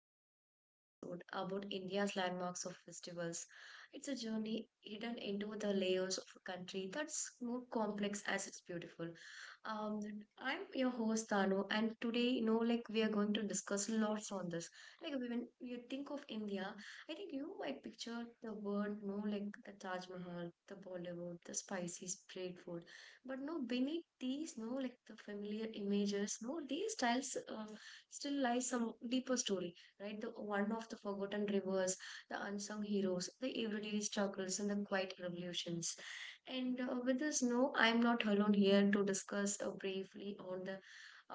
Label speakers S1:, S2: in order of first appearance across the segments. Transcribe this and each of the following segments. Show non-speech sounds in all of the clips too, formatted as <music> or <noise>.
S1: about other episode about India's landmarks of festivals. It's a journey hidden into the layers of a country that's more complex as it's beautiful. Um, I'm your host Tanu, and today, like we are going to discuss lots on this. Like, when you think of India, I think you might picture the word, like the Taj Mahal, the Bollywood, the spicy street food, but no, beneath these, no, like the familiar images, no, these styles still lies some deeper story, right? The one of the forgotten rivers, the unsung heroes, the everyday struggles, and the quiet revolutions. And with this, no, I'm not alone here to discuss briefly on the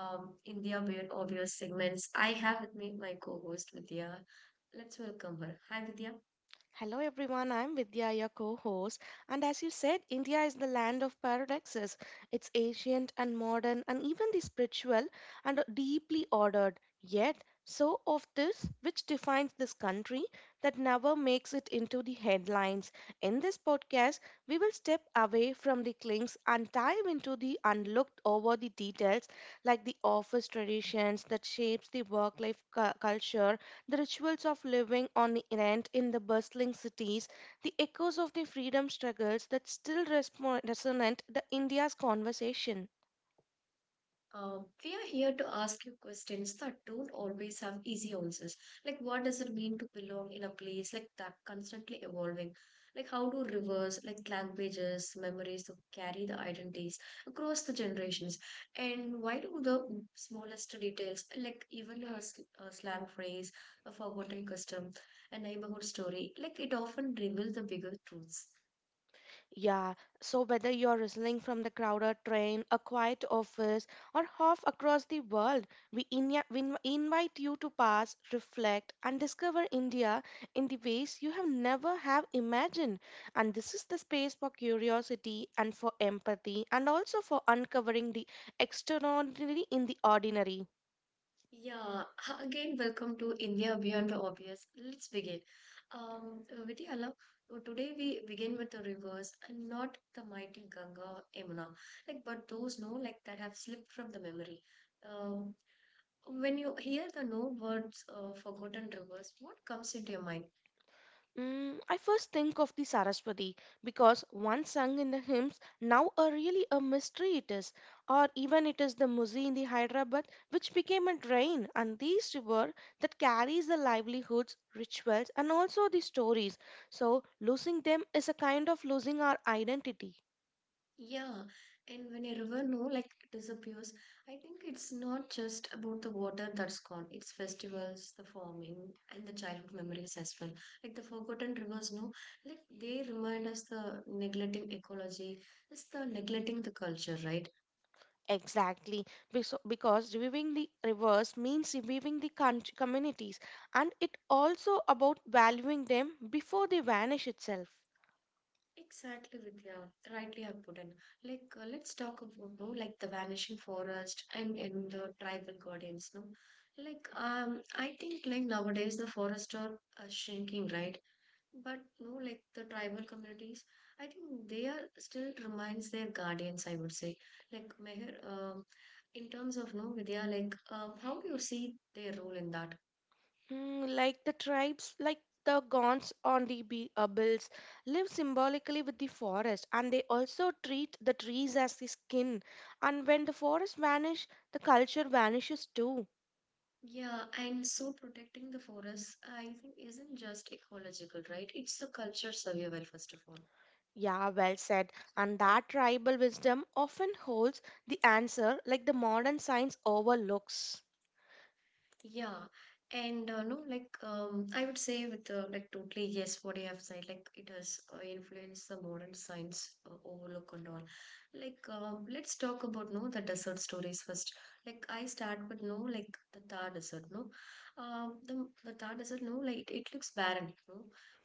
S1: India Weird Obvious segments. I have with me my co-host Vidya. Let's welcome her. Hi, Vidya.
S2: Hello everyone, I'm Vidya, your co host. And as you said, India is the land of paradoxes. It's ancient and modern, and even the spiritual and deeply ordered. Yet, so of this which defines this country that never makes it into the headlines. In this podcast, we will step away from the clings and dive into the unlooked over the details like the office traditions that shapes the work life culture the rituals of living on rent in the bustling cities, the echoes of the freedom struggles that still resonate the India's conversation.
S1: We are here to ask you questions that don't always have easy answers. Like, what does it mean to belong in a place like that, constantly evolving? Like, how do rivers, like languages, memories, to carry the identities across the generations? And why do the smallest details, like even a slang phrase, a forgotten custom, a neighborhood story, like it often reveals the bigger truths?
S2: Yeah, so whether you're listening from the crowded train, a quiet office, or half across the world, we invite you to pass, reflect, and discover India in the ways you have never have imagined. And this is the space for curiosity and for empathy, and also for uncovering the extraordinary in the ordinary.
S1: Yeah, again, welcome to India Beyond the Obvious. Let's begin. Vidya, love, today we begin with the rivers and not the mighty Ganga, Yamuna, like, but those no, like, that have slipped from the memory. Um, when you hear the no words, forgotten rivers, what comes into your mind?
S2: I first think of the Saraswati because once sung in the hymns, now a really a mystery it is, or even it is the Musi in the Hyderabad which became a drain and these river that carries the livelihoods, rituals, and also the stories. So losing them is a kind of losing our identity.
S1: Yeah, and when a river no like disappears, I think it's not just about the water that's gone. It's festivals, the farming, and the childhood memories as well. Like the forgotten rivers, no, like they remind us the neglecting ecology, it's the neglecting the culture, right?
S2: Exactly, because reviving the rivers means reviving the country, communities, and it also about valuing them before they vanish itself.
S1: Exactly, Vidya. Rightly have put in. Like let's talk about no, like the vanishing forest and the tribal guardians, no. Like I think like nowadays the forests are shrinking, right? But no, like the tribal communities, I think they are still remains their guardians, I would say. Like Meher, in terms of no Vidya, like how do you see their role in that?
S2: Mm, like the tribes, like the Gonds on the bills, live symbolically with the forest, and they also treat the trees as the skin. And when the forest vanish, the culture vanishes too.
S1: Yeah, and so protecting the forest, I think, isn't just ecological, right? It's the culture survival, first of all.
S2: Yeah, well said. And that tribal wisdom often holds the answer, like the modern science overlooks.
S1: Yeah, and no, like I would say with like totally yes, what you have said, like it has influenced the modern science overlook and all. Like let's talk about no the desert stories first. Like I start with no like the Thar Desert, no, the Thar Desert, no, like it looks barren, no,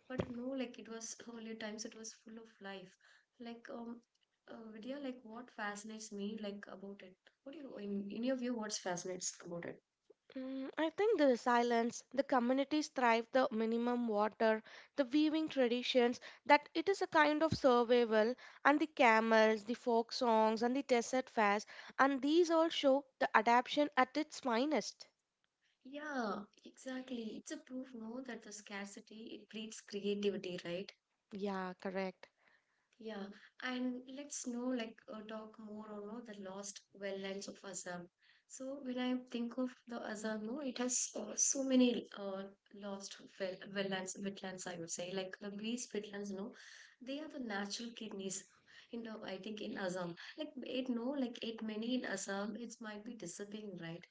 S1: but no, like it was earlier times it was full of life. Like Vidya, like what fascinates me like about it? What do you in your view, what fascinates about it?
S2: I think the silence, the communities thrive, the minimum water, the weaving traditions, that it is a kind of survival, and the camels, the folk songs, and the desert fairs, and these all show the adaptation at its finest.
S1: Yeah, exactly. It's a proof, no, that the scarcity it breeds creativity, right?
S2: Yeah, correct.
S1: Yeah, and let's know like talk more on no, the lost well lands of Assam. So when I think of the Assam, no, it has so many lost well wetlands. I would say like these wetlands, no, they are the natural kidneys. You know, I think in Assam, like it no, like it many in Assam, it might be disappearing, right?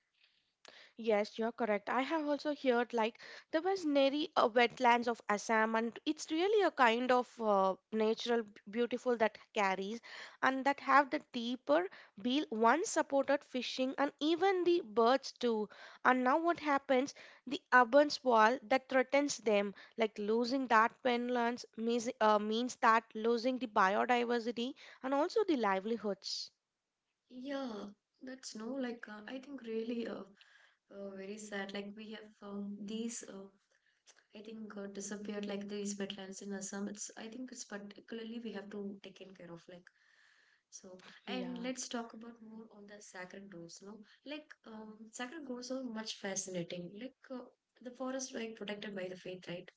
S2: Yes, you're correct. I have also heard like the was Neri wetlands of Assam, and it's really a kind of natural beautiful that carries and that have the deeper bill once supported fishing and even the birds too. And now what happens? The urban sprawl that threatens them, like losing that wetlands means that losing the biodiversity and also the livelihoods.
S1: Yeah, that's no like I think really very sad. Like we have these I think disappeared like these wetlands in Assam. It's, I think, it's particularly we have to take in care of, like, so. And
S2: Yeah.
S1: let's talk about more on the sacred groves. No, like sacred groves are much fascinating. Like the forest like protected by the faith, right?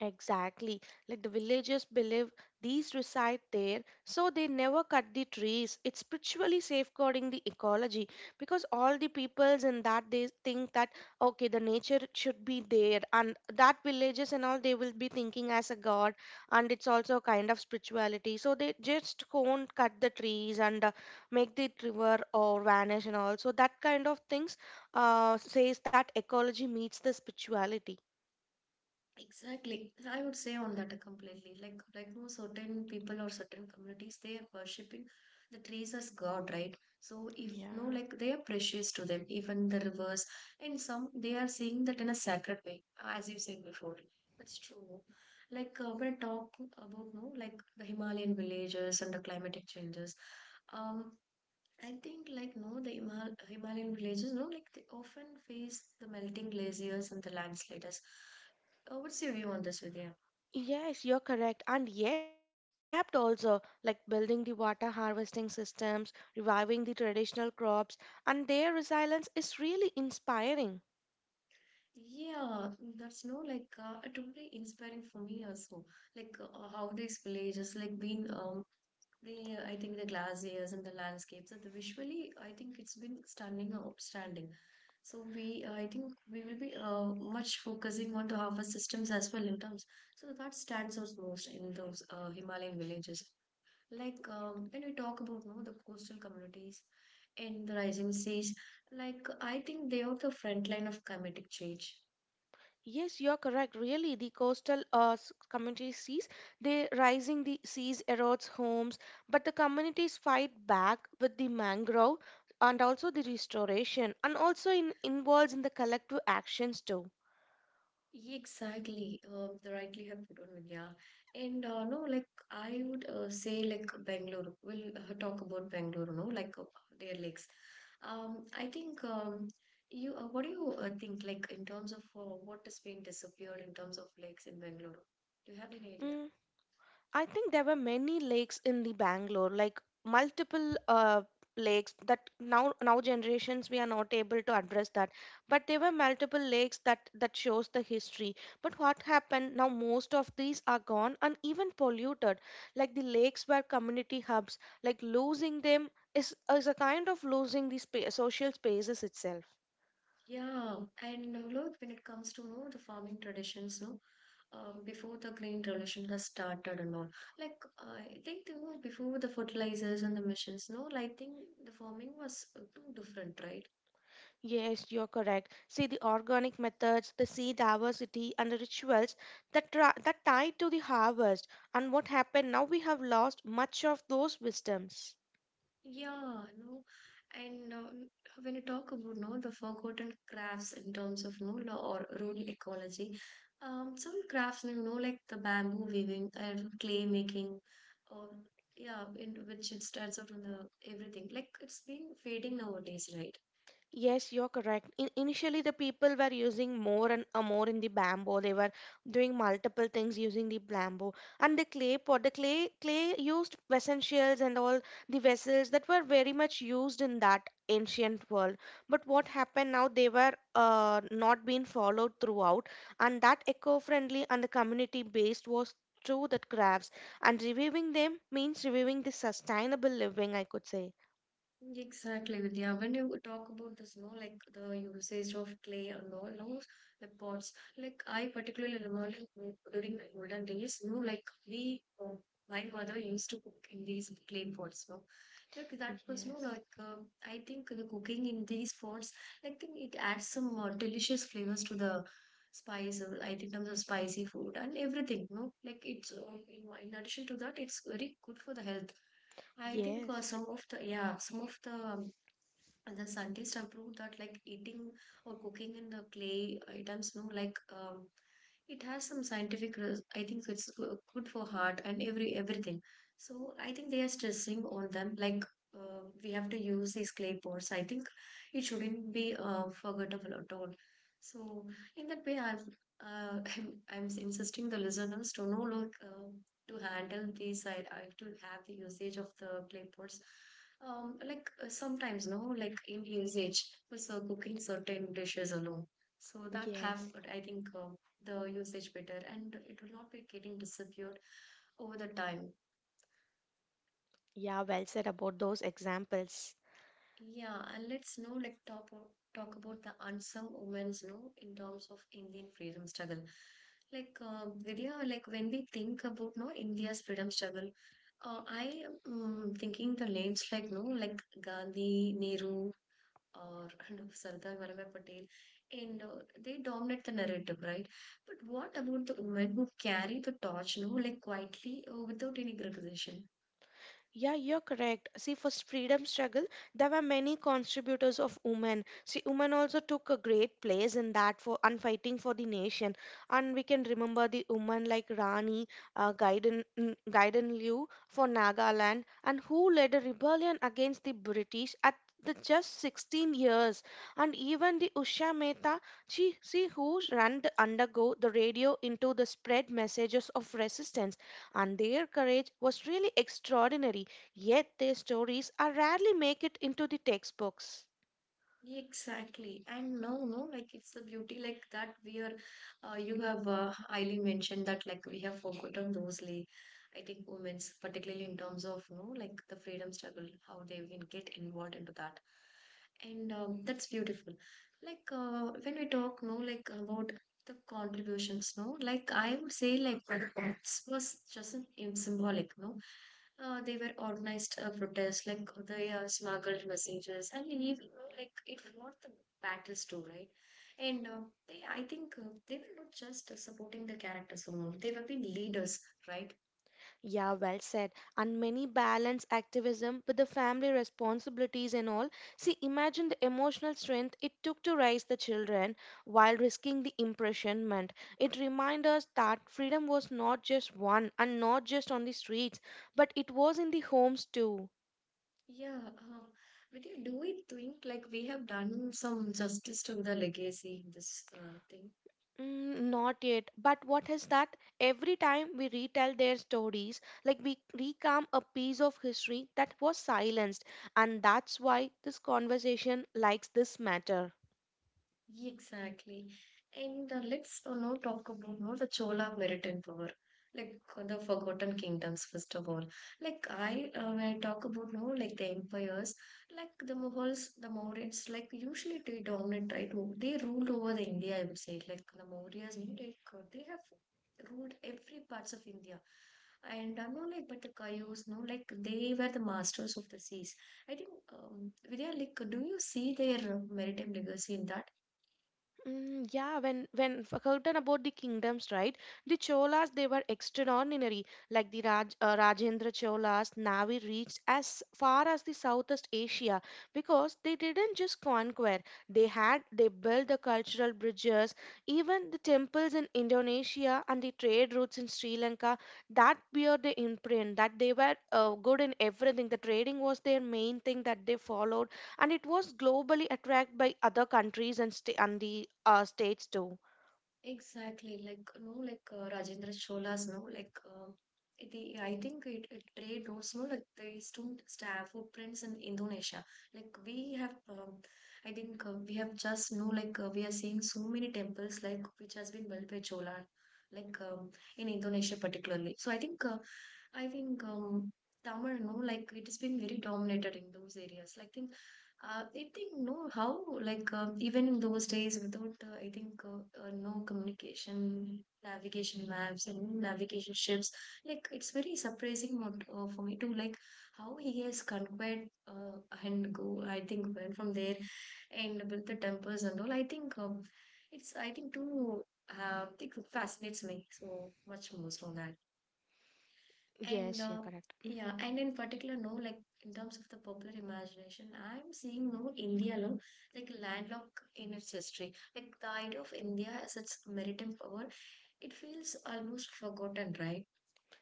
S2: Exactly. Like the villagers believe these reside there, so they never cut the trees. It's spiritually safeguarding the ecology because all the peoples in that they think that okay, the nature should be there, and that villagers and all they will be thinking as a god, and it's also a kind of spirituality. So they just won't cut the trees and make the river or vanish and all. So that kind of things says that ecology meets the spirituality.
S1: Exactly. I would say on that completely. Like no certain people or certain communities they are worshipping the trees as God, right? So if no
S2: Yeah.
S1: like they are precious to them, even the rivers and some they are seeing that in a sacred way, as you said before. That's true. Like when I talk about no like the Himalayan villages and the climatic changes. Um I think like no, the Himalayan villages, no, like they often face the melting glaciers and the landslides. What's your view on this, Vidya?
S2: Yes, you're correct. And yet they adapt also, like building the water harvesting systems, reviving the traditional crops, and their resilience is really inspiring.
S1: Yeah, that's no like totally inspiring for me also. Like how these villages like been they I think the glaciers and the landscapes and the visually I think it's been stunning and outstanding. So we I think we will be much focusing on to our systems as well in terms. So that stands out most in those Himalayan villages. Like when we talk about no the coastal communities in the rising seas, like I think they are the front line of climatic change.
S2: Yes, you're correct. Really, the coastal community sees the rising the seas erodes homes, but the communities fight back with the mangrove and also the restoration, and also involves in the collective actions too.
S1: Yeah, exactly, the rightly have put on Vidya, and no, like I would say like Bangalore. We'll talk about Bangalore, no, like their lakes. I think you. What do you think, like in terms of what has been disappeared in terms of lakes in Bangalore? Do you have any idea?
S2: Mm. I think there were many lakes in the Bangalore, like multiple lakes that now generations we are not able to address that. But there were multiple lakes that shows the history. But what happened now? Most of these are gone and even polluted. Like the lakes were community hubs. Like losing them is a kind of losing the social spaces itself.
S1: Yeah, and when it comes to the farming traditions, no, before the green revolution has started and all, like I think before the fertilizers and the machines, no, like, I think the farming was too different, right?
S2: Yes, you're correct. See, the organic methods, the seed diversity, and the rituals that tie to the harvest and what happened. Now we have lost much of those wisdoms.
S1: Yeah, no, and when you talk about no the forgotten crafts in terms of no law or rural ecology, some crafts like the bamboo weaving and clay making, or yeah, in which it starts out on the everything like it's been fading nowadays, right?
S2: Yes, you're correct. In initially, the people were using more and more in the bamboo. They were doing multiple things using the bamboo and the clay pot. The clay used essentials and all the vessels that were very much used in that ancient world. But what happened now? They were not being followed throughout, and that eco-friendly and the community-based was through the crafts. And reviving them means reviving the sustainable living. I could say.
S1: Exactly, Vidya. When you talk about this, no, like the usage of clay and all, no, the pots. Like I particularly remember during the olden days, no, like my mother used to cook in these clay pots, no. Like that was, no,
S2: Yes.
S1: like I think the cooking in these pots, I think it adds some delicious flavors to the spice. I think terms of spicy food and everything, no. Like it's in addition to that, it's very good for the health. I think
S2: Yes.
S1: some of the yeah some of the and the scientists have proved that like eating or cooking in the clay items, no, like it has some scientific. I think it's good for heart and everything. So I think they are stressing on them. Like we have to use these clay pots. I think it shouldn't be forgettable at all. So in that way, <laughs> I'm insisting the listeners to know like to handle these. I to have the usage of the clay pots like sometimes, no, like in usage for so cooking certain dishes alone. So that have,
S2: Yes.
S1: I think, the usage better, and it will not be getting disappeared over the time.
S2: Yeah, well said about those examples.
S1: Yeah, and let's know, like talk about the unsung women's, no, in terms of Indian freedom struggle. Like Vidya, like when we think about no India's freedom struggle, I am thinking the names like no, like Gandhi, Nehru. Or <laughs> and of Sardar Vallabhbhai Patel, and they dominate the narrative, right? But what about the women who carry the torch, no, like quietly without any recognition?
S2: Yeah, you're correct. See, for freedom struggle, there were many contributors of women. See, women also took a great place in that for and fighting for the nation. And we can remember the women like Gaiden Liu for Nagaland, and who led a rebellion against the British at the just 16 years. And even the Usha Mehta, see who ran to undergo the radio into the spread messages of resistance and their courage was really extraordinary. Yet their stories are rarely make it into the textbooks.
S1: Exactly. And no, like it's the beauty like that we are, you have highly mentioned that like we have forgotten those like I think women's particularly in terms of no like the freedom struggle, how they can get involved into that. And that's beautiful. Like when we talk no like about the contributions, no, like I would say like the box was just an symbolic, no. They were organized protests, like they smuggled messages, and even like it won the battles too, right? And they, I think, they were not just supporting the characters alone; they were being leaders, right?
S2: Yeah, well said. And many balance activism with the family responsibilities and all. See, imagine the emotional strength it took to raise the children while risking the imprisonment. It reminds us that freedom was not just won and not just on the streets, but it was in the homes too.
S1: Yeah. But you do we think like we have done some justice to the legacy in this thing?
S2: Mm, not yet. But what is that? Every time we retell their stories, like we recount a piece of history that was silenced. And that's why this conversation likes this matter.
S1: Exactly. And let's now talk about the Chola maritime power, like the Forgotten Kingdoms, first of all. Like when I talk about like the empires, like the Mughals, the Mauryas, like usually they dominate, right? They ruled over the India, I would say. Like the Mauryas, like they have ruled every parts of India. And no, like, but the Cayuse, no, like, they were the masters of the seas. I think, Vidya, like, do you see their maritime legacy in that?
S2: Mm, yeah, when forgotten about the kingdoms, right? The Cholas they were extraordinary. Like the Rajendra Cholas, Navi reached as far as the Southeast Asia because they didn't just conquer. They built the cultural bridges, even the temples in Indonesia and the trade routes in Sri Lanka. That bear the imprint that they were good in everything. The trading was their main thing that they followed and it was globally attracted by other countries and, and the states too.
S1: Exactly, like no, like Rajendra Chola's no, like the I think it trade routes no, like they still stamp footprints in Indonesia. Like we have, I think we have just no, like we are seeing so many temples like which has been built by Chola, like in Indonesia particularly. So I think Tamil no, like it has been very dominated in those areas. Like I think no, how like even in those days without I think no communication, navigation maps and navigation ships, like it's very surprising what, for me to like how he has conquered and go. I think went from there and built the temples and all. I think it's I think too it fascinates me so much most on that. And
S2: Yes, you're correct.
S1: yeah,
S2: Mhm.
S1: and in particular, no, like in terms of the popular imagination, I'm seeing no India, no, like landlocked in its history. Like the idea of India as its maritime power, it feels almost forgotten, right?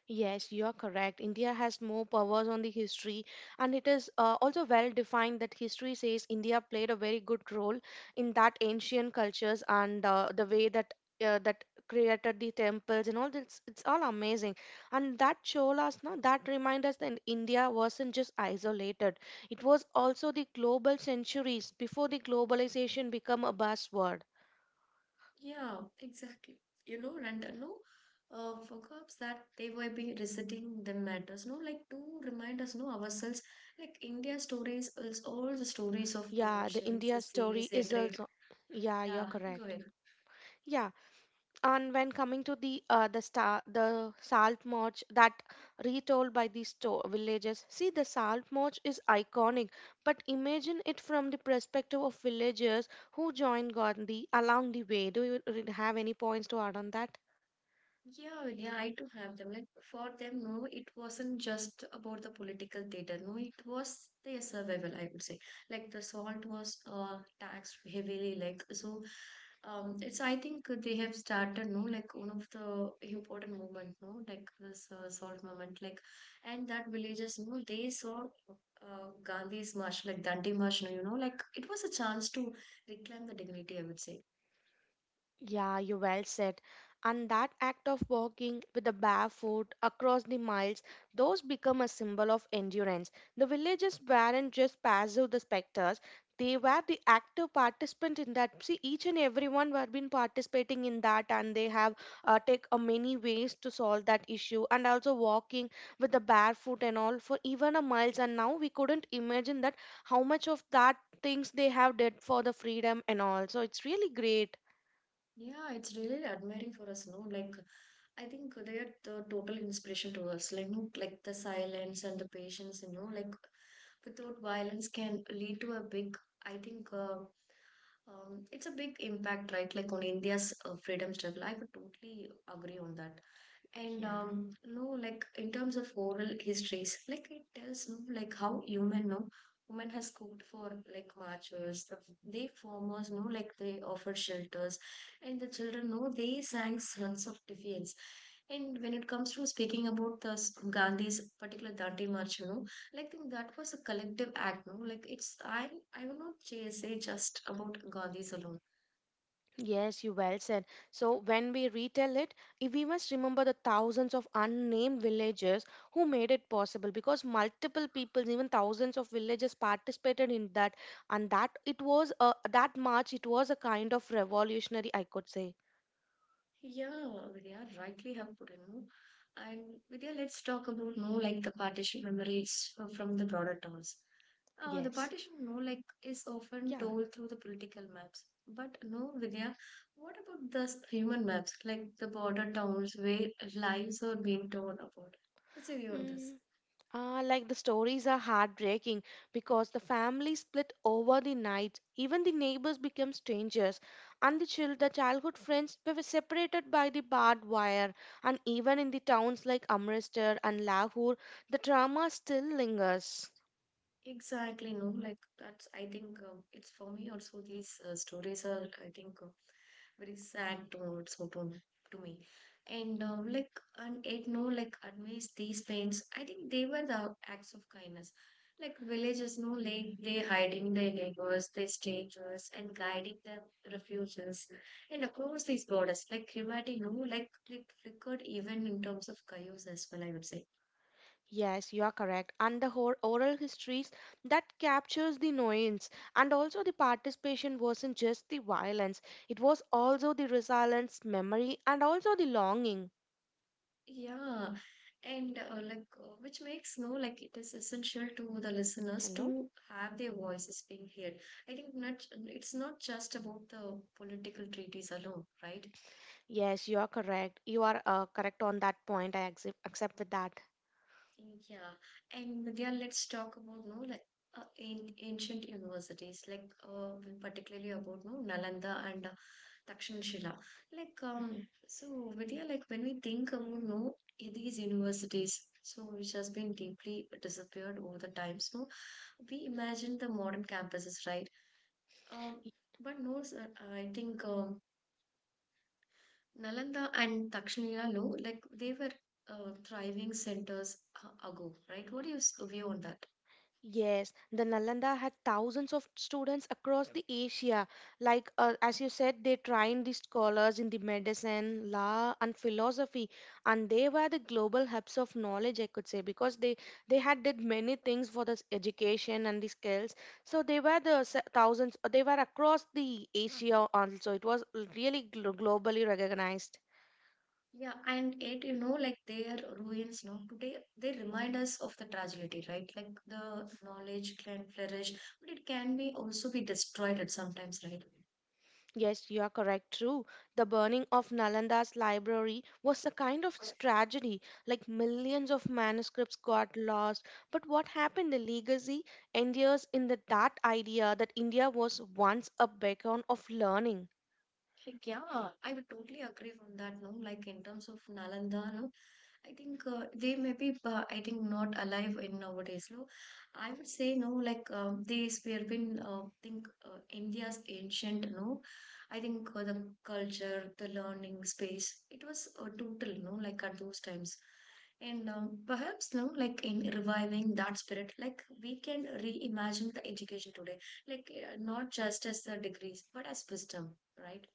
S2: Yes, you are correct. India has more powers on the history, and it is also well defined that history says India played a very good role in that ancient cultures and the way that that created the temples and all this. It's all amazing, and that shows us now that reminds us that India wasn't just isolated. It was also the global centuries before the globalization became a buzzword.
S1: Yeah, exactly. You know, and no, forgets that they were be reciting the matters, no, like to remind us, no, ourselves, like India stories is all the stories of the
S2: Yeah, the
S1: oceans,
S2: India
S1: the
S2: story
S1: seas, the
S2: is
S1: trade.
S2: also. Yeah, you're
S1: Yeah, go
S2: correct.
S1: ahead.
S2: Yeah. And when coming to the star the salt march that retold by the store villages, see the salt march is iconic but imagine it from the perspective of villagers who joined Gandhi along the way. Do you have any points to add on that?
S1: Yeah, yeah, I do have them. Like for them, no, it wasn't just about the political theater. No, it was their survival, I would say. Like the salt was taxed heavily, like so it's I think they have started no like one of the important movement, no, like this salt movement, like and that villagers, no, they saw Gandhi's march, like Dandi march, no, you know, like it was a chance to reclaim the dignity, I would say.
S2: Yeah, you well said. And that act of walking with the bare foot across the miles, those become a symbol of endurance. The villagers weren't just passive the spectators; they were the active participant in that. See, each and everyone were been participating in that, and they have take a many ways to solve that issue. And also walking with the bare foot and all for even a miles. And now we couldn't imagine that how much of that things they have did for the freedom and all. So it's really great.
S1: Yeah, it's really admiring for us, no? Like, I think they are the total inspiration to us, like, no, like the silence and the patience, like without violence can lead to a big, I think, it's a big impact, right? Like on India's freedom struggle. I would totally agree on that. And
S2: Yeah.
S1: no, like in terms of oral histories, like it tells no, like how human no, women has cooked for like marchers, the, they farmers no, like they offered shelters, and the children no, they sang songs of defiance. And when it comes to speaking about Gandhi's particular Dandi March, like I think that was a collective act, no? Like it's I will not say just about Gandhi's alone.
S2: Yes, you well said. So when we retell it, if we must remember the thousands of unnamed villagers who made it possible because multiple people, even thousands of villagers participated in that and that it was a that march, it was a kind of revolutionary, I could say.
S1: Yeah, Vidya, rightly have put in, no? And Vidya, let's talk about no like the partition memories from the broader terms. The
S2: Yes.
S1: partition no like is often
S2: Yeah.
S1: told through the political maps. But no, Vidya, what about human maps, like the border towns where lives are being torn apart? What's your view on this?
S2: Mm. Ah, like the stories are heartbreaking because the family split over the night. Even the neighbors become strangers, and the childhood friends were separated by the barbed wire. And even in the towns like Amritsar and Lahore, the trauma still lingers.
S1: Exactly, no, like that's, I think it's for me also. These stories are, I think, very sad to also to me. And like, and it no, like, amidst these pains, I think they were the acts of kindness. Like, villagers, no, like, they hiding their neighbors, their strangers, and guiding their refugees. And across these borders, like, humanity, no, like, it flickered even in terms of chaos as well, I would say.
S2: Yes, you are correct. And the whole oral histories that captures the nuance, and also the participation wasn't just the violence; it was also the resilience, memory, and also the longing.
S1: Yeah, and like which makes no like it is essential to the listeners
S2: Hello.
S1: to have their voices being heard. I think not it's not just about the political treaties alone, right?
S2: Yes, you are correct. You are correct on that point. Accept with that.
S1: Yeah, and Vidya, let's talk about no like in ancient universities, like particularly about no Nalanda and Dakshinashila. Like
S2: Mhm.
S1: so Vidya, like when we think about no these universities, so which has been deeply disappeared over the times, no, we imagine the modern campuses, right? Um,
S2: Y-
S1: but no, sir, I think Nalanda and Dakshinashila, no, like they were thriving centers ago, right? What do you view on that?
S2: Yes, the Nalanda had thousands of students across the Asia. Like as you said, they trained the scholars in the medicine, law, and philosophy, and they were the global hubs of knowledge. I could say because they had did many things for this education and the skills. So they were the thousands. They were across the Asia also. It was really globally recognized.
S1: Yeah, and it, like their ruins, no, today they remind us of the tragedy, right? Like the knowledge can flourish, but it can be also be destroyed at sometimes, right?
S2: Yes, you are correct, true. The burning of Nalanda's library was a kind of tragedy, like millions of manuscripts got lost. But what happened? The legacy endures in the, that idea that India was once a beacon of learning.
S1: Like, yeah, I would totally agree from that. No, like in terms of Nalanda, no, I think they may be, I think, not alive in nowadays. No, I would say no. Like these, were been, think India's ancient. No, I think the culture, the learning space, it was total. No, like at those times. And perhaps no, like in reviving that spirit, like we can reimagine the education today, like not just as the degrees, but as wisdom, right?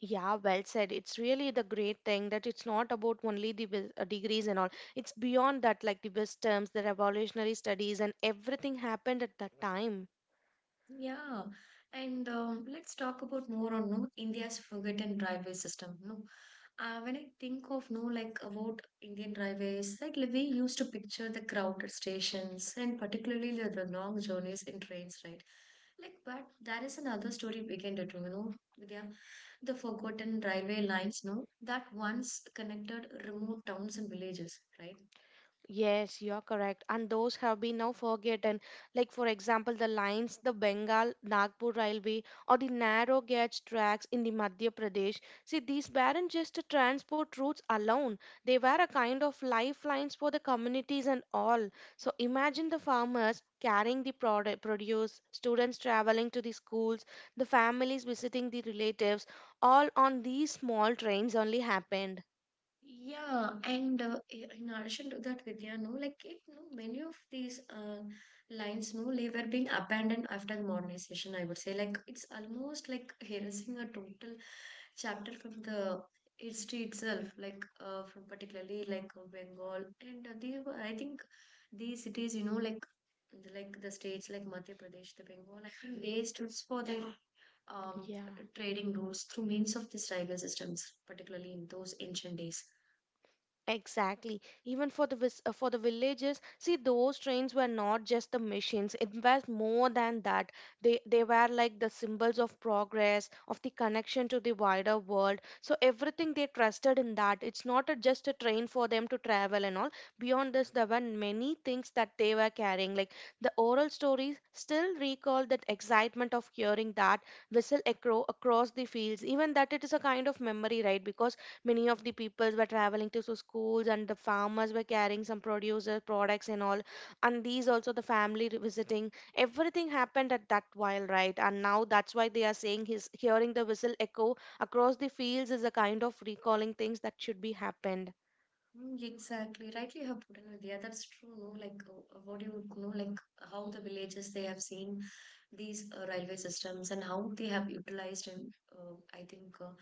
S2: Yeah, well said. It's really the great thing that it's not about only the degrees and all. It's beyond that, like the wisdoms, the revolutionary studies, and everything happened at that time.
S1: Yeah, and let's talk about more on no India's forgotten railway system. No, when I think of no like about Indian railways, like we used to picture the crowded stations and particularly the long journeys in trains, right? Like, but there is another story we can do, you know, Vidya, the forgotten railway lines, no, that once connected remote towns and villages, right?
S2: Yes, you're correct. And those have been now forgotten. Like, for example, the lines, the Bengal Nagpur Railway, or the narrow gauge tracks in the Madhya Pradesh. See, these weren't just transport routes alone, they were a kind of lifelines for the communities and all. So, imagine the farmers carrying the product, produce, students traveling to the schools, the families visiting the relatives, all on these small trains only happened.
S1: Yeah, and in addition to that, Vidya, no, like it, no, many of these lines, no, they were being abandoned after modernization. I would say, like it's almost like erasing a total chapter from the history itself, like from particularly like Bengal, and they were, I think these cities, like the states like Madhya Pradesh, the Bengal, I they stood for their um,
S2: Yeah.
S1: trading routes through means of these tribal systems, particularly in those ancient days.
S2: Exactly. Even for the for the villages, see those trains were not just the machines. It was more than that. They were like the symbols of progress, of the connection to the wider world. So everything they trusted in that. It's not a, just a train for them to travel and all. Beyond this, there were many things that they were carrying. Like the oral stories still recall that excitement of hearing that whistle across the fields. Even that it is a kind of memory, right? Because many of the peoples were traveling to so schools, and the farmers were carrying some producer products and all, and these also the family visiting, everything happened at that while, right? And now that's why they are saying his hearing the whistle echo across the fields is a kind of recalling things that should be happened.
S1: Mm, exactly, rightly you have put in, Vidya. That's true, no? Like what you would know, like how the villages they have seen these railway systems and how they have utilized and I think uh,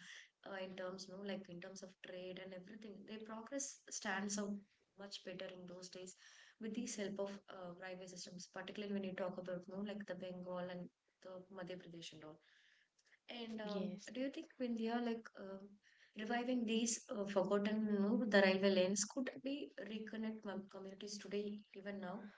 S1: uh, in terms, no, like in terms of trade and everything, their progress stands out much better in those days with these help of railway systems, particularly when you talk about, no, like the Bengal and the Madhya Pradesh and all. And
S2: Yes.
S1: do you think when they are like reviving these forgotten, the railway lanes could be reconnect communities today, even now?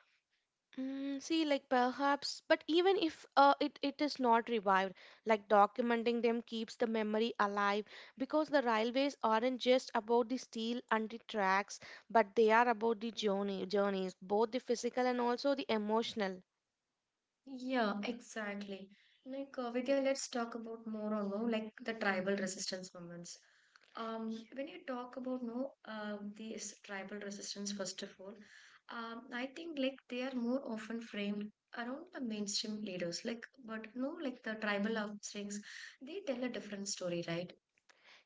S2: See, like perhaps, but even if it is not revived, like documenting them keeps the memory alive, because the railways aren't just about the steel and the tracks, but they are about the journey, journeys, both the physical and also the emotional.
S1: Yeah, exactly. Like Vidya, let's talk about more on more like the tribal resistance movements. When you talk about no, these tribal resistance, first of all, I think like they are more often framed around the mainstream leaders. Like, but no, like the tribal offsprings, they tell a different story, right?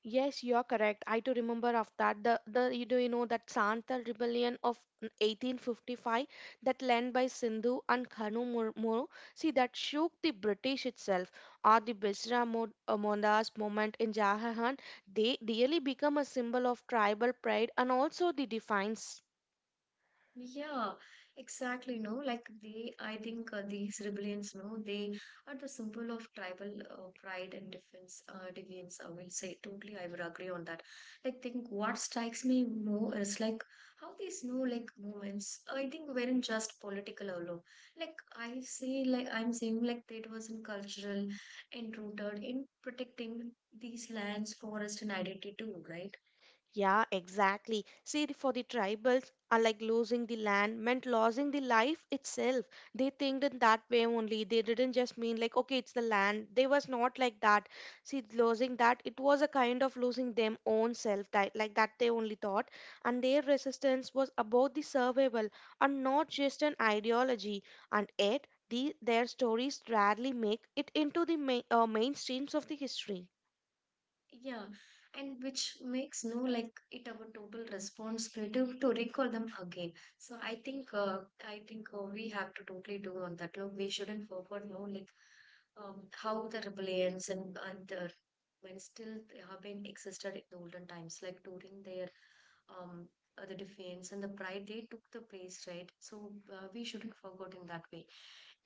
S2: Yes, you are correct. I do remember of that. The you do you know that Santal rebellion of 1855 that led by Sindhu and Kanu Moro. See that shook the British itself, or the Bisra Mondas movement in Jahan. They really become a symbol of tribal pride and also the defiance.
S1: Yeah, exactly. No, like they, I think these rebellions, no, they are the symbol of tribal pride and defense, deviance. I will say totally, I would agree on that. Like, think what strikes me more is like how these no like movements. I think weren't just political alone. Like I say, like I'm saying, like it was in cultural and rooted in protecting these lands, forest, and identity too, right?
S2: Yeah, exactly. See, for the tribals, are like losing the land meant losing the life itself. They think in that way only. They didn't just mean like, okay, it's the land. They was not like that. See, losing that, it was a kind of losing them own self, that, like that they only thought. And their resistance was about the survival and not just an ideology. And yet, their stories rarely make it into the mainstreams of the history.
S1: Yeah, and which makes no like it our total responsibility to recall them again. So I think we have to totally do on that. Look, we shouldn't forget no like how the rebellions and the, when still they have been existed in the olden times, like during their um the defense and the pride they took the place, right? So we shouldn't forget in that way.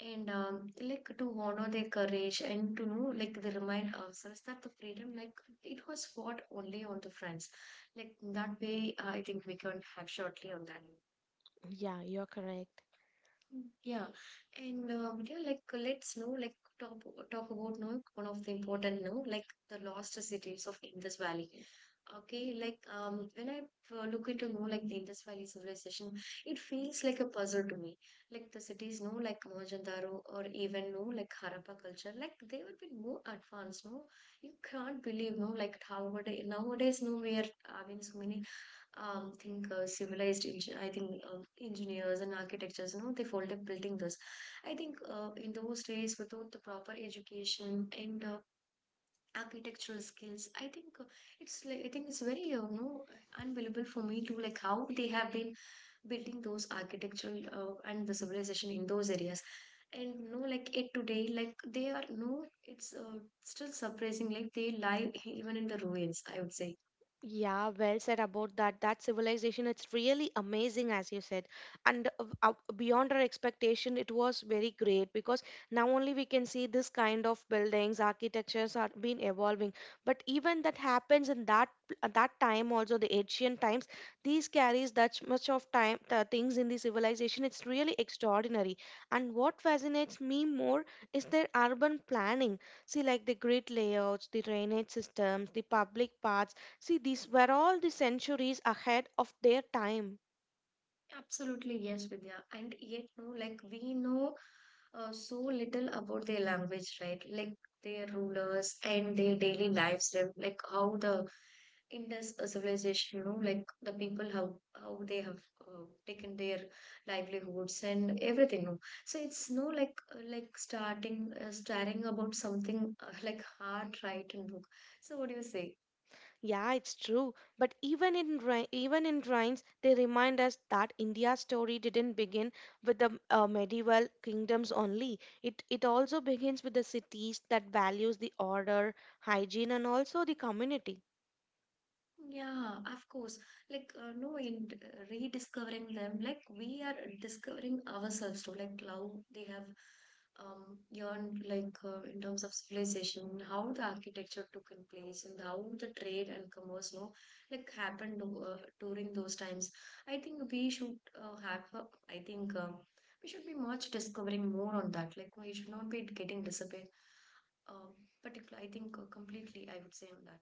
S1: And like to honor their courage and to know, like they remind ourselves that the freedom, like it was fought only on the fronts. Like that way, I think we can have shortly on that.
S2: Yeah, you're correct.
S1: Yeah, and yeah, like let's know, like talk about now one of the important now, like the lost cities of Indus Valley. Okay, like when I look into more like the Indus Valley civilization, it feels like a puzzle to me. Like the cities, no, like Mohenjo-daro or even no, like Harappa culture, like they would be more advanced. No, you can't believe no, like how nowadays no, we are having so many think civilized I think engineers and architectures, they fold up building this. I think in those days, without the proper education and architectural skills, I think it's like, I think it's very unbelievable for me to like how they have been building those architectural and the civilization in those areas. And like it today, like they are no, it's still surprising. Like they lie even in the ruins, I would say.
S2: Yeah, well said about that. That civilization, it's really amazing, as you said. And beyond our expectation, it was very great because now only we can see this kind of buildings, architectures are been evolving. But even that happens in that at that time also, the ancient times, these carries that much of time the things in the civilization. It's really extraordinary. And what fascinates me more is their urban planning. See, like the grid layouts, the drainage systems, the public paths. See, these were all the centuries ahead of their time.
S1: Absolutely, yes, Vidya. And yet, no, like we know so little about their language, right? Like their rulers and their daily lives, like how the Indus civilization, like the people how they have taken their livelihoods and everything. No, so it's no like like starting staring about something <laughs> like hard, right? And no. So what do you say?
S2: Yeah, it's true. But even in even in rhymes, they remind us that India's story didn't begin with the medieval kingdoms only. It also begins with the cities that values the order, hygiene, and also the community.
S1: Yeah, of course. Like, no, in rediscovering them, like we are discovering ourselves too, like how they have yearned, like in terms of civilization, how the architecture took in place, and how the trade and commerce, no, like happened during those times. I think we should have. I think we should be much discovering more on that. Like, we should not be getting disappeared. Um, Particular, I think completely. I would say on that.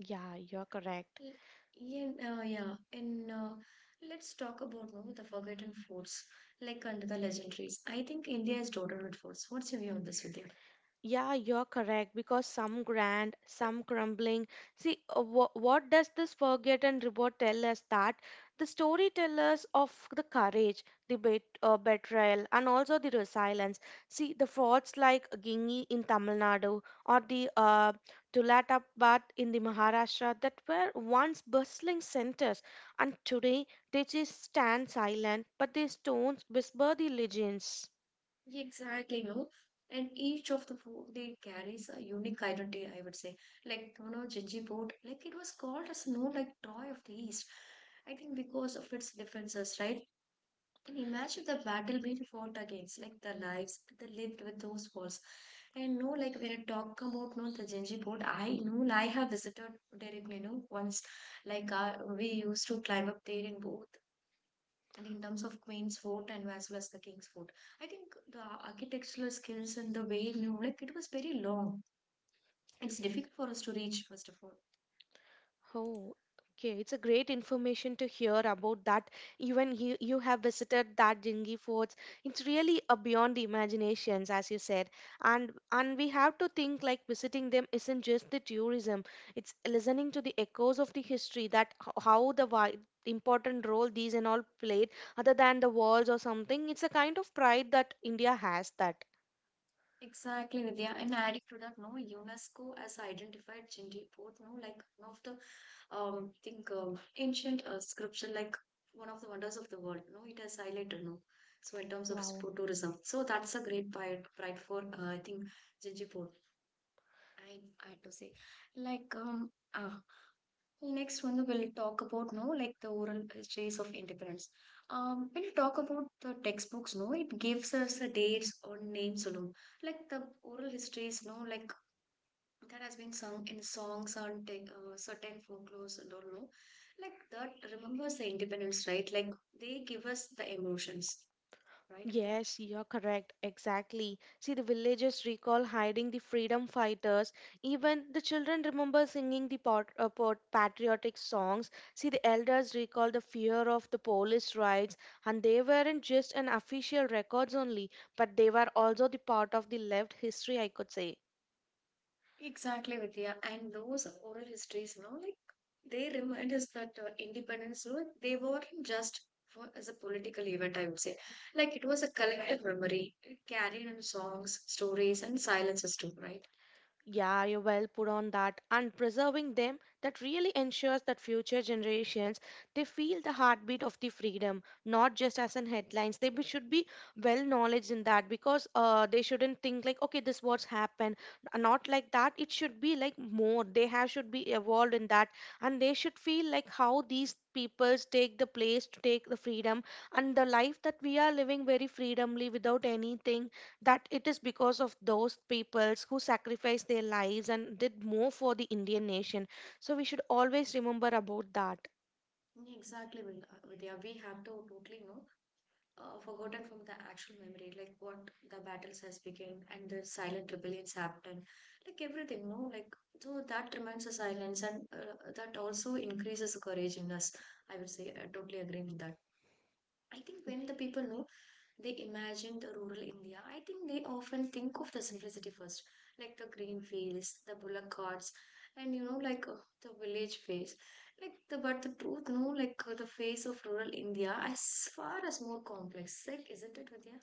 S2: Yeah, you're correct.
S1: L- Yeah, yeah, and let's talk about no, the forgotten foods like under the legendaries. I think India is dotted with foods. What's your view on this, Vidya?
S2: Yeah, you're correct, because some grand, some crumbling. See, what does this forgotten report tell us? That the story tell of the courage, the betrayal, and also the resilience. See, the frauds like Gingi in Tamil Nadu or the Tulatapat in the Maharashtra that were once bustling centers, and today they just stand silent, but their stones whisper the legends.
S1: Yeah, exactly, no. And each of the food they carries a unique identity, I would say. Like you know, Jinji like it was called as no like toy of the East. I think because of its differences, right? And imagine the battle being fought against, like the lives that they lived with those walls. And no, like when I talk about no the Genji Fort, I know I have visited directly, you know, once. Like we used to climb up there in both, and in terms of Queen's Fort and as well as the King's Fort. I think the architectural skills and the way, you know, like it was very long. It's difficult for us to reach, first of all.
S2: Oh, okay. It's a great information to hear about that. Even you, you have visited that Jingi forts. It's really a beyond the imaginations, as you said. And we have to think, like visiting them isn't just the tourism. It's listening to the echoes of the history, that how the important role these and all played, other than the walls or something. It's a kind of pride that India has that.
S1: Exactly, Vidya. And adding to that, no, UNESCO has identified Genji Fort, no, like one of the think ancient scripture, like one of the wonders of the world, no, it has highlighted no, so in terms of
S2: Wow.
S1: sport tourism, so that's a great pride, pride for I think Jinjipur. I, I had to say like next one we'll talk about no like the oral histories of independence. When you talk about the textbooks, no, it gives us the dates or names alone, like the oral histories, no, like that has been sung in songs on certain folklores. I don't know, like that remembers the independence, right? Like they give us the emotions, right, Vidya?
S2: Yes, you're correct. Exactly. See, the villagers recall hiding the freedom fighters. Even the children remember singing the patriotic songs. See, the elders recall the fear of the police raids, and they weren't just an official records only, but they were also the part of the left history, I could say.
S1: Exactly, Vidya. And those oral histories, you know, like they remind us that independence, you know, they weren't just for as a political event, I would say. Like it was a collective memory carried in songs, stories, and silences too, right?
S2: Yeah, you well put on that. And preserving them, that really ensures that future generations they feel the heartbeat of the freedom, not just as in headlines. Should be well knowledge in that, because they shouldn't think like, okay, this what's happened. Not like that. It should be like more. They have should be evolved in that, and they should feel like how these peoples take the place to take the freedom, and the life that we are living very freedomly without anything, that it is because of those peoples who sacrificed their lives and did more for the Indian nation. So we should always remember about that.
S1: Exactly, Vidya. Vidya. We have to totally know. Forgotten from the actual memory, like what the battles has begun and the silent rebellions happened, like everything, no, like so that reminds the silence and that also increases the courage in us. I would say I totally agree with that. I think when the people know they imagine the rural India, I think they often think of the simplicity first, like the green fields, the bullock carts, and you know, like the village face. Like the but the truth, no, like the face of rural India as far as more complex. Like, isn't it, Vidya?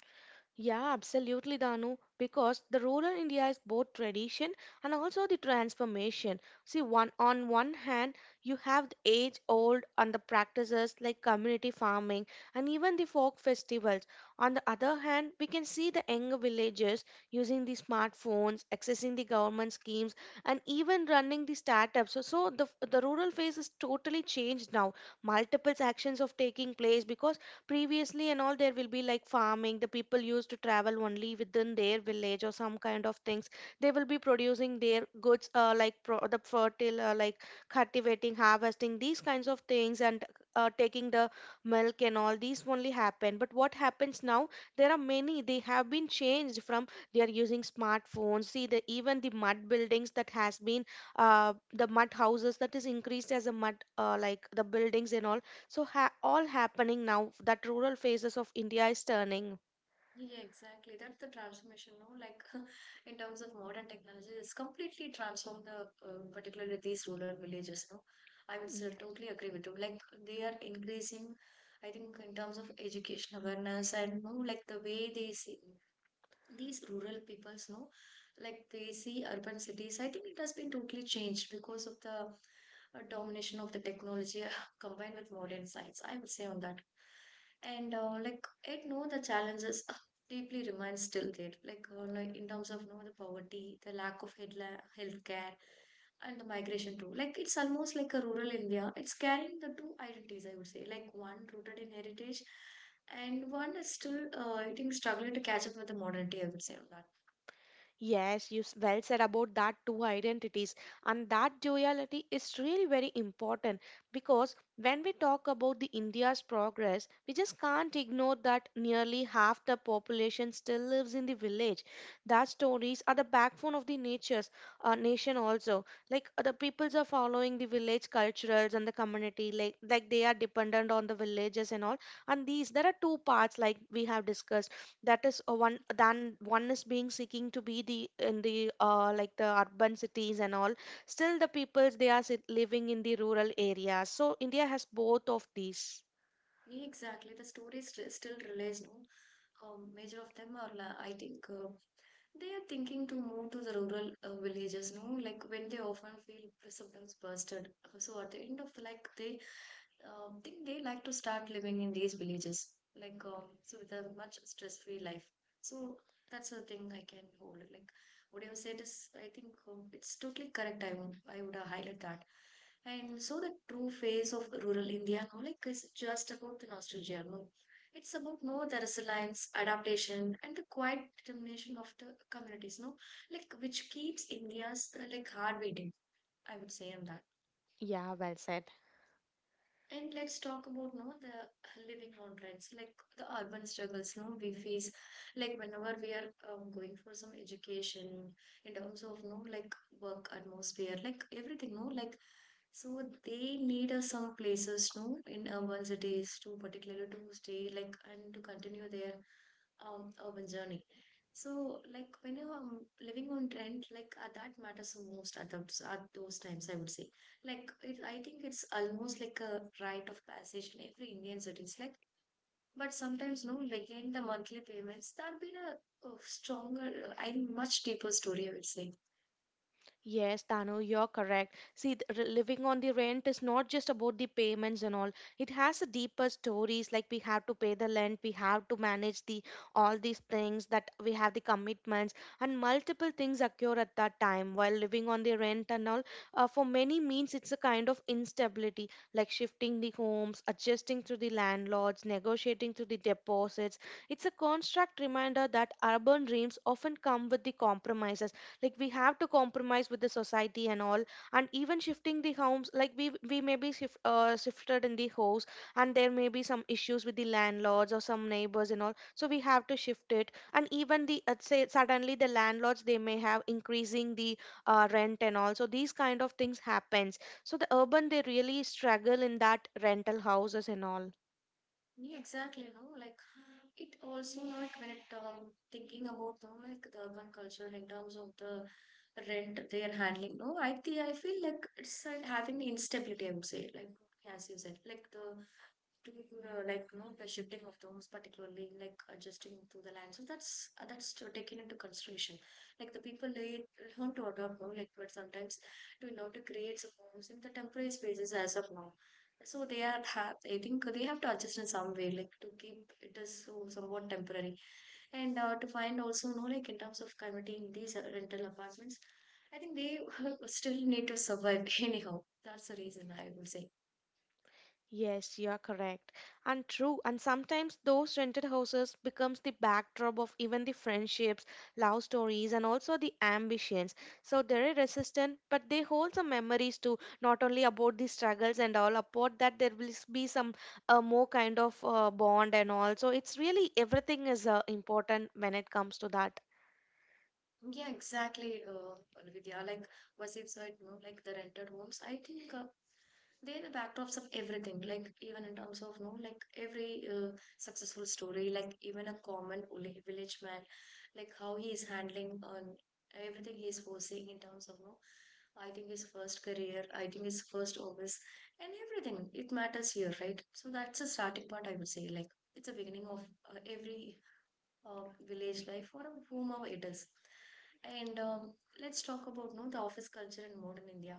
S2: Yeah, absolutely, Danu. Because the rural India is both tradition and also the transformation. See, one hand, you have the age-old and the practices like community farming and even the folk festivals. On the other hand, we can see the younger villagers using the smartphones, accessing the government schemes, and even running the startups. So, the rural phase is totally changed now. Multiple actions of taking place, because previously and all there will be like farming, the people used to travel only within their village or some kind of things, they will be producing their goods the fertile like cultivating, harvesting these kinds of things, and taking the milk and all these only happen. But what happens now, there are many they have been changed from they are using smartphones. See, the even the mud buildings that has been the mud houses that is increased as a mud like the buildings and all. So all happening now, that rural phases of India is turning.
S1: Yeah, exactly. That's the transformation, no? Like <laughs> in terms of modern technology, it's completely transformed the particularly these rural villages, no? I would say,
S2: Yeah.
S1: totally agree with you. Like they are increasing, I think, in terms of education awareness and no, like the way they see these rural peoples know, like they see urban cities. I think it has been totally changed because of the domination of the technology <laughs> combined with modern science, I would say on that. And like I know the challenges deeply remain still there, like in terms of you know, the poverty, the lack of health care, and the migration too. Like it's almost like a rural India. It's carrying the two identities, I would say, like one rooted in heritage and one is still, I think, struggling to catch up with the modernity, I would say on that.
S2: Yes, well said about that two identities, and that duality is really very important, because when we talk about the India's progress, we just can't ignore that nearly half the population still lives in the village. That stories are the backbone of the nature's nation also. Like the peoples are following the village culturals and the community, like they are dependent on the villages and all. And these there are two parts like we have discussed, that is a one than one is being seeking to be the in the like the urban cities and all, still the people they are living in the rural areas, so India has both of these.
S1: Yeah, exactly, the stories still relays, no, major of them are, I think, they are thinking to move to the rural villages, no, like when they often feel sometimes busted. So at the end of the, like, they think they like to start living in these villages, like so with a much stress-free life. So that's the thing I can hold. Like what you have said is, I think it's totally correct. I would highlight that. And so the true face of rural India, no, like is just about the nostalgia. No, it's about no the resilience, adaptation, and the quiet determination of the communities. No, like which keeps India's like heart beating. I would say on that.
S2: Yeah, well said.
S1: And let's talk about no the living on rents, like the urban struggles no we face, like whenever we are going for some education in terms of no like work atmosphere, like everything no like so they need some places no in urban cities to particularly to stay like and to continue their urban journey. So like when you're living on rent, like that matters the most at those times, I would say like it, I think it's almost like a rite of passage in every Indian cities. Like, but sometimes no, like in the monthly payments, that'd been a stronger and much deeper story. I would say.
S2: Yes, Tanu, you're correct. See, living on the rent is not just about the payments and all. It has a deeper stories, like we have to pay the rent, we have to manage the all these things that we have the commitments, and multiple things occur at that time while living on the rent and all. For many means it's a kind of instability, like shifting the homes, adjusting to the landlords, negotiating to the deposits. It's a construct reminder that urban dreams often come with the compromises, like we have to compromise with the society and all, and even shifting the homes, like we may be shifted in the house, and there may be some issues with the landlords or some neighbors and all, so we have to shift it. And even the say suddenly the landlords they may have increasing the rent and all, so these kind of things happens. So the urban they really struggle in that rental houses and all.
S1: Yeah, exactly. No, like it also no, like when it thinking about no, like the urban culture in terms of the rent they are handling. No, I think I feel like it's having instability. I would say like as you said, like the to the, like you know the shifting of rooms, particularly like adjusting to the land, so that's taken into consideration. Like the people they learn to adopt, no, like but sometimes to know to create some homes in the temporary spaces as of now. So they are have, I think they have to adjust in some way, like to keep it as so somewhat temporary, and to find also no like in terms of committing these rental apartments. I think they <laughs> still need to survive <laughs> anyhow, that's the reason I would say.
S2: Yes, you are correct. And true, and sometimes those rented houses becomes the backdrop of even the friendships, love stories and also the ambitions. So they're resistant, but they hold some memories too, not only about the struggles and all, about that there will be some more kind of bond and all. So it's really everything is important when it comes to that.
S1: Yeah, exactly, Vidya. Like Vasif said, no, like the rented homes. I think they're the backdrops of everything. Like even in terms of no, like every successful story, like even a common village man, like how he is handling on everything he is facing in terms of no. I think his first career, I think his first office, and everything. It matters here, right? So that's a starting point. I would say, like it's a beginning of every village life or whomever it is. And let's talk about no the office culture in modern India.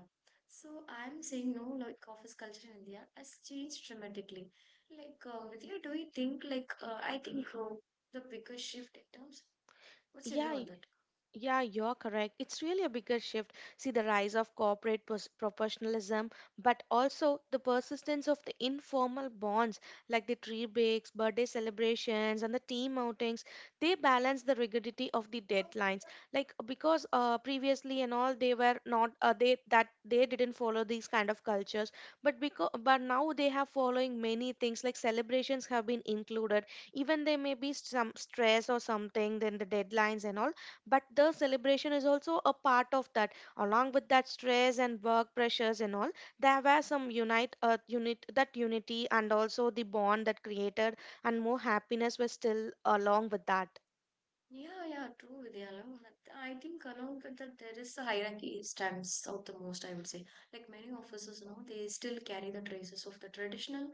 S1: So I'm saying no like office culture in India has changed dramatically. Like Vidya, do you think like I think the biggest shift in terms? What's your view
S2: Yeah.
S1: on that?
S2: Yeah, you're correct. It's really a bigger shift. See the rise of corporate professionalism, but also the persistence of the informal bonds, like the tree bakes, birthday celebrations, and the team outings. They balance the rigidity of the deadlines. Like because previously and all they were not they that they didn't follow these kind of cultures, but because but now they have following many things like celebrations have been included. Even there may be some stress or something, then the deadlines and all, but the celebration is also a part of that along with that stress and work pressures and all. There were some unite unit that unity and also the bond that created, and more happiness was still along with that.
S1: Yeah, yeah, true, Vidya. No, I think along with that there is a hierarchy stands out the most, I would say. Like many officers, you know, they still carry the traces of the traditional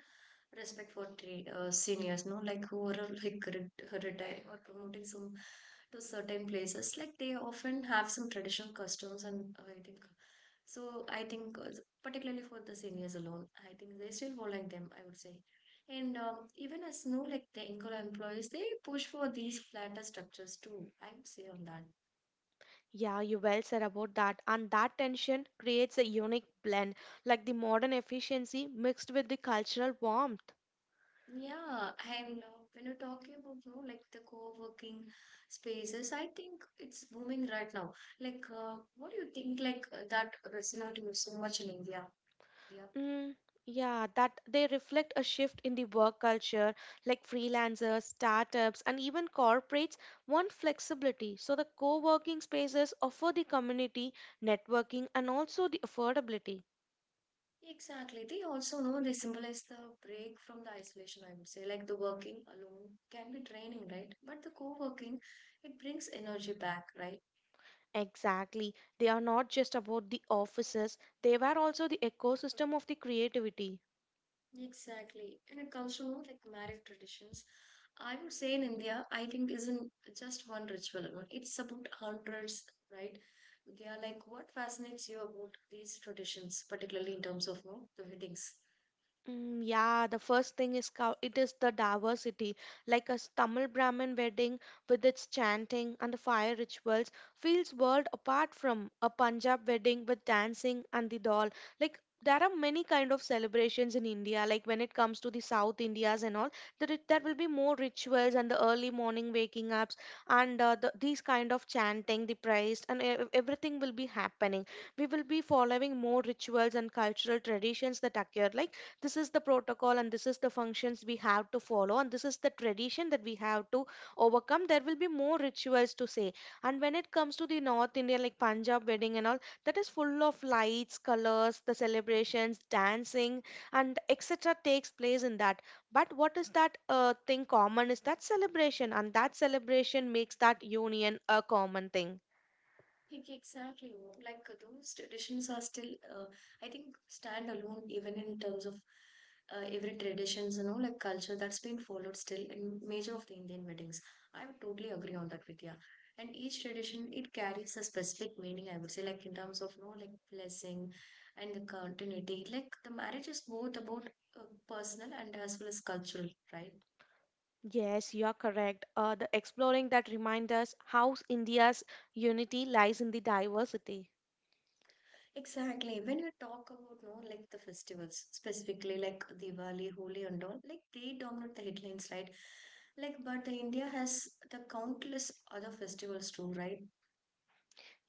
S1: respect for seniors, no, like who are like retired or promoting some to certain places. Like they often have some traditional customs, and I think so. I think particularly for the seniors alone, I think they still follow them. I would say. And even as new, like the anchor employees, they push for these flatter structures too. I would say on that.
S2: Yeah, you well said about that, and that tension creates a unique blend, like the modern efficiency mixed with the cultural warmth.
S1: Yeah, and when you're talking about, you know, like the co-working spaces, I think it's booming right now. Like, what do you think? Like that resonates with so much in India. Yeah,
S2: Mm, yeah, that they reflect a shift in the work culture, like freelancers, startups, and even corporates want flexibility. So the co-working spaces offer the community, networking, and also the affordability.
S1: exactly. They also know they symbolize the break from the isolation. I would say, like the working alone can be draining, right? But the co-working, it brings energy back, right?
S2: Exactly. They are not just about the offices, they were also the ecosystem of the creativity.
S1: Exactly. And it comes to know like marriage traditions. I would say in India, I think isn't just one ritual. No? It's about hundreds, right? They are like, what fascinates you about these traditions, particularly in terms of no, the weddings?
S2: Mm, yeah, the first thing is it is the diversity, like a Tamil Brahmin wedding with its chanting and the fire rituals feels world apart from a Punjab wedding with dancing and the doll. Like there are many kind of celebrations in India. Like when it comes to the South Indias and all, there will be more rituals and the early morning waking ups and these kind of chanting, the praise, and everything will be happening. We will be following more rituals and cultural traditions that occur, like this is the protocol and this is the functions we have to follow, and this is the tradition that we have to overcome. There will be more rituals to say. And when it comes to the North India, like Punjab wedding and all, that is full of lights, colors, the celebrations, dancing, and etc. takes place in that. But what is that thing common is that celebration, and that celebration makes that union a common thing.
S1: Exactly. No. Like those traditions are still, uh, I think, stand alone even in terms of every traditions, you know, like culture that's being followed still in major of the Indian weddings. I'm totally agree on that with you. And each tradition, it carries a specific meaning, I would say, like in terms of, you know, like blessing and the continuity. Like the marriage is both about uh, personal and as well as cultural, right?
S2: Yes, you are correct. The exploring that reminds us how India's unity lies in the diversity.
S1: Exactly. When you talk about no, like the festivals, specifically like Diwali, Holi, and all, like they dominate the headlines, right? Like, but the India has the countless other festivals too, right?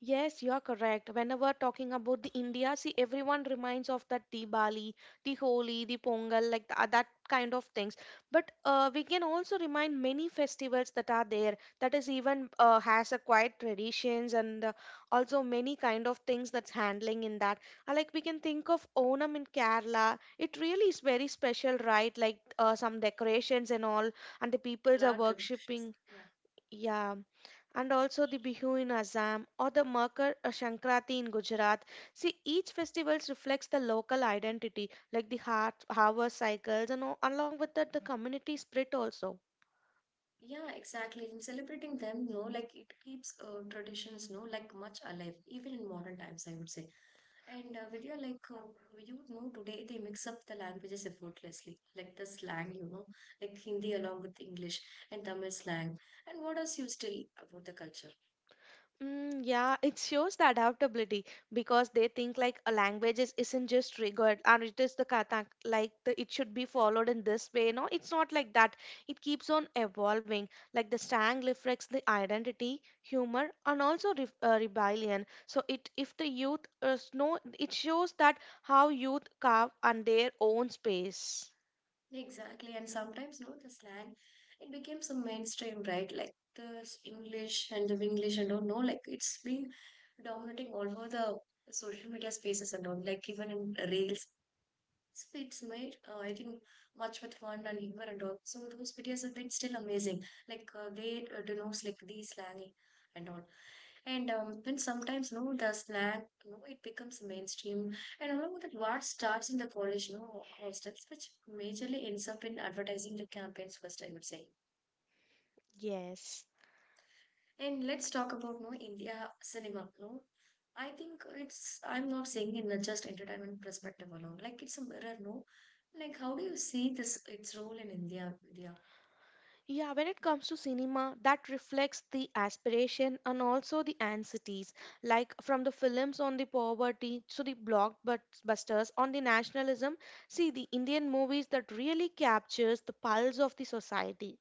S2: Yes, you are correct. Whenever talking about the India, see, everyone reminds of that Diwali, the Holi, the Pongal, like that kind of things. But we can also remind many festivals that are there. That is even has a quite traditions, and also many kind of things that's handling in that. Like we can think of Onam in Kerala. It really is very special, right? Like some decorations and all, and the peoples are
S1: Flower tribulations.
S2: worshipping. Yeah, and also the Bihu in Assam or the Makar Sankranti in Gujarat. See, each festival reflects the local identity, like the heart, harvest cycles, and all, along with that, the community spirit also.
S1: Yeah, exactly. In celebrating them, no, like it keeps traditions, no, like much alive, even in modern times, I would say. And Vidya, like you know, today they mix up the languages effortlessly, like the slang, you know, like Hindi along with English and Tamil slang. And what else you still about the culture?
S2: Mm, yeah, it shows the adaptability because they think like a language is, isn't just rigid and it is the kata like the, it should be followed in this way. No, it's not like that. It keeps on evolving. Like the slang reflects the identity, humor, and also re rebellion. So it if the youth know, it shows that how youth carve on their own space.
S1: Exactly, and sometimes no, the slang it became some mainstream, right? Like the English and the English and all. No, like it's been dominating all over the social media spaces and all. Like even in reels, it's made, I think, much with fun and Eva and all. So those videos have been still amazing. Like they denounce like the slang and all. And when sometimes no the slang no it becomes mainstream and along with it what starts in the college no hostels which majorly ends up in advertising the campaigns first I would say.
S2: Yes.
S1: And let's talk about no India cinema. No, I think it's I'm not saying in a just entertainment perspective alone. Like it's a mirror. No, like how do you see this its role in India, India?
S2: Yeah, when it comes to cinema, that reflects the aspiration and also the anxieties, like from the films on the poverty to the blockbusters on the nationalism. See, the Indian movies that really captures the pulse of the society.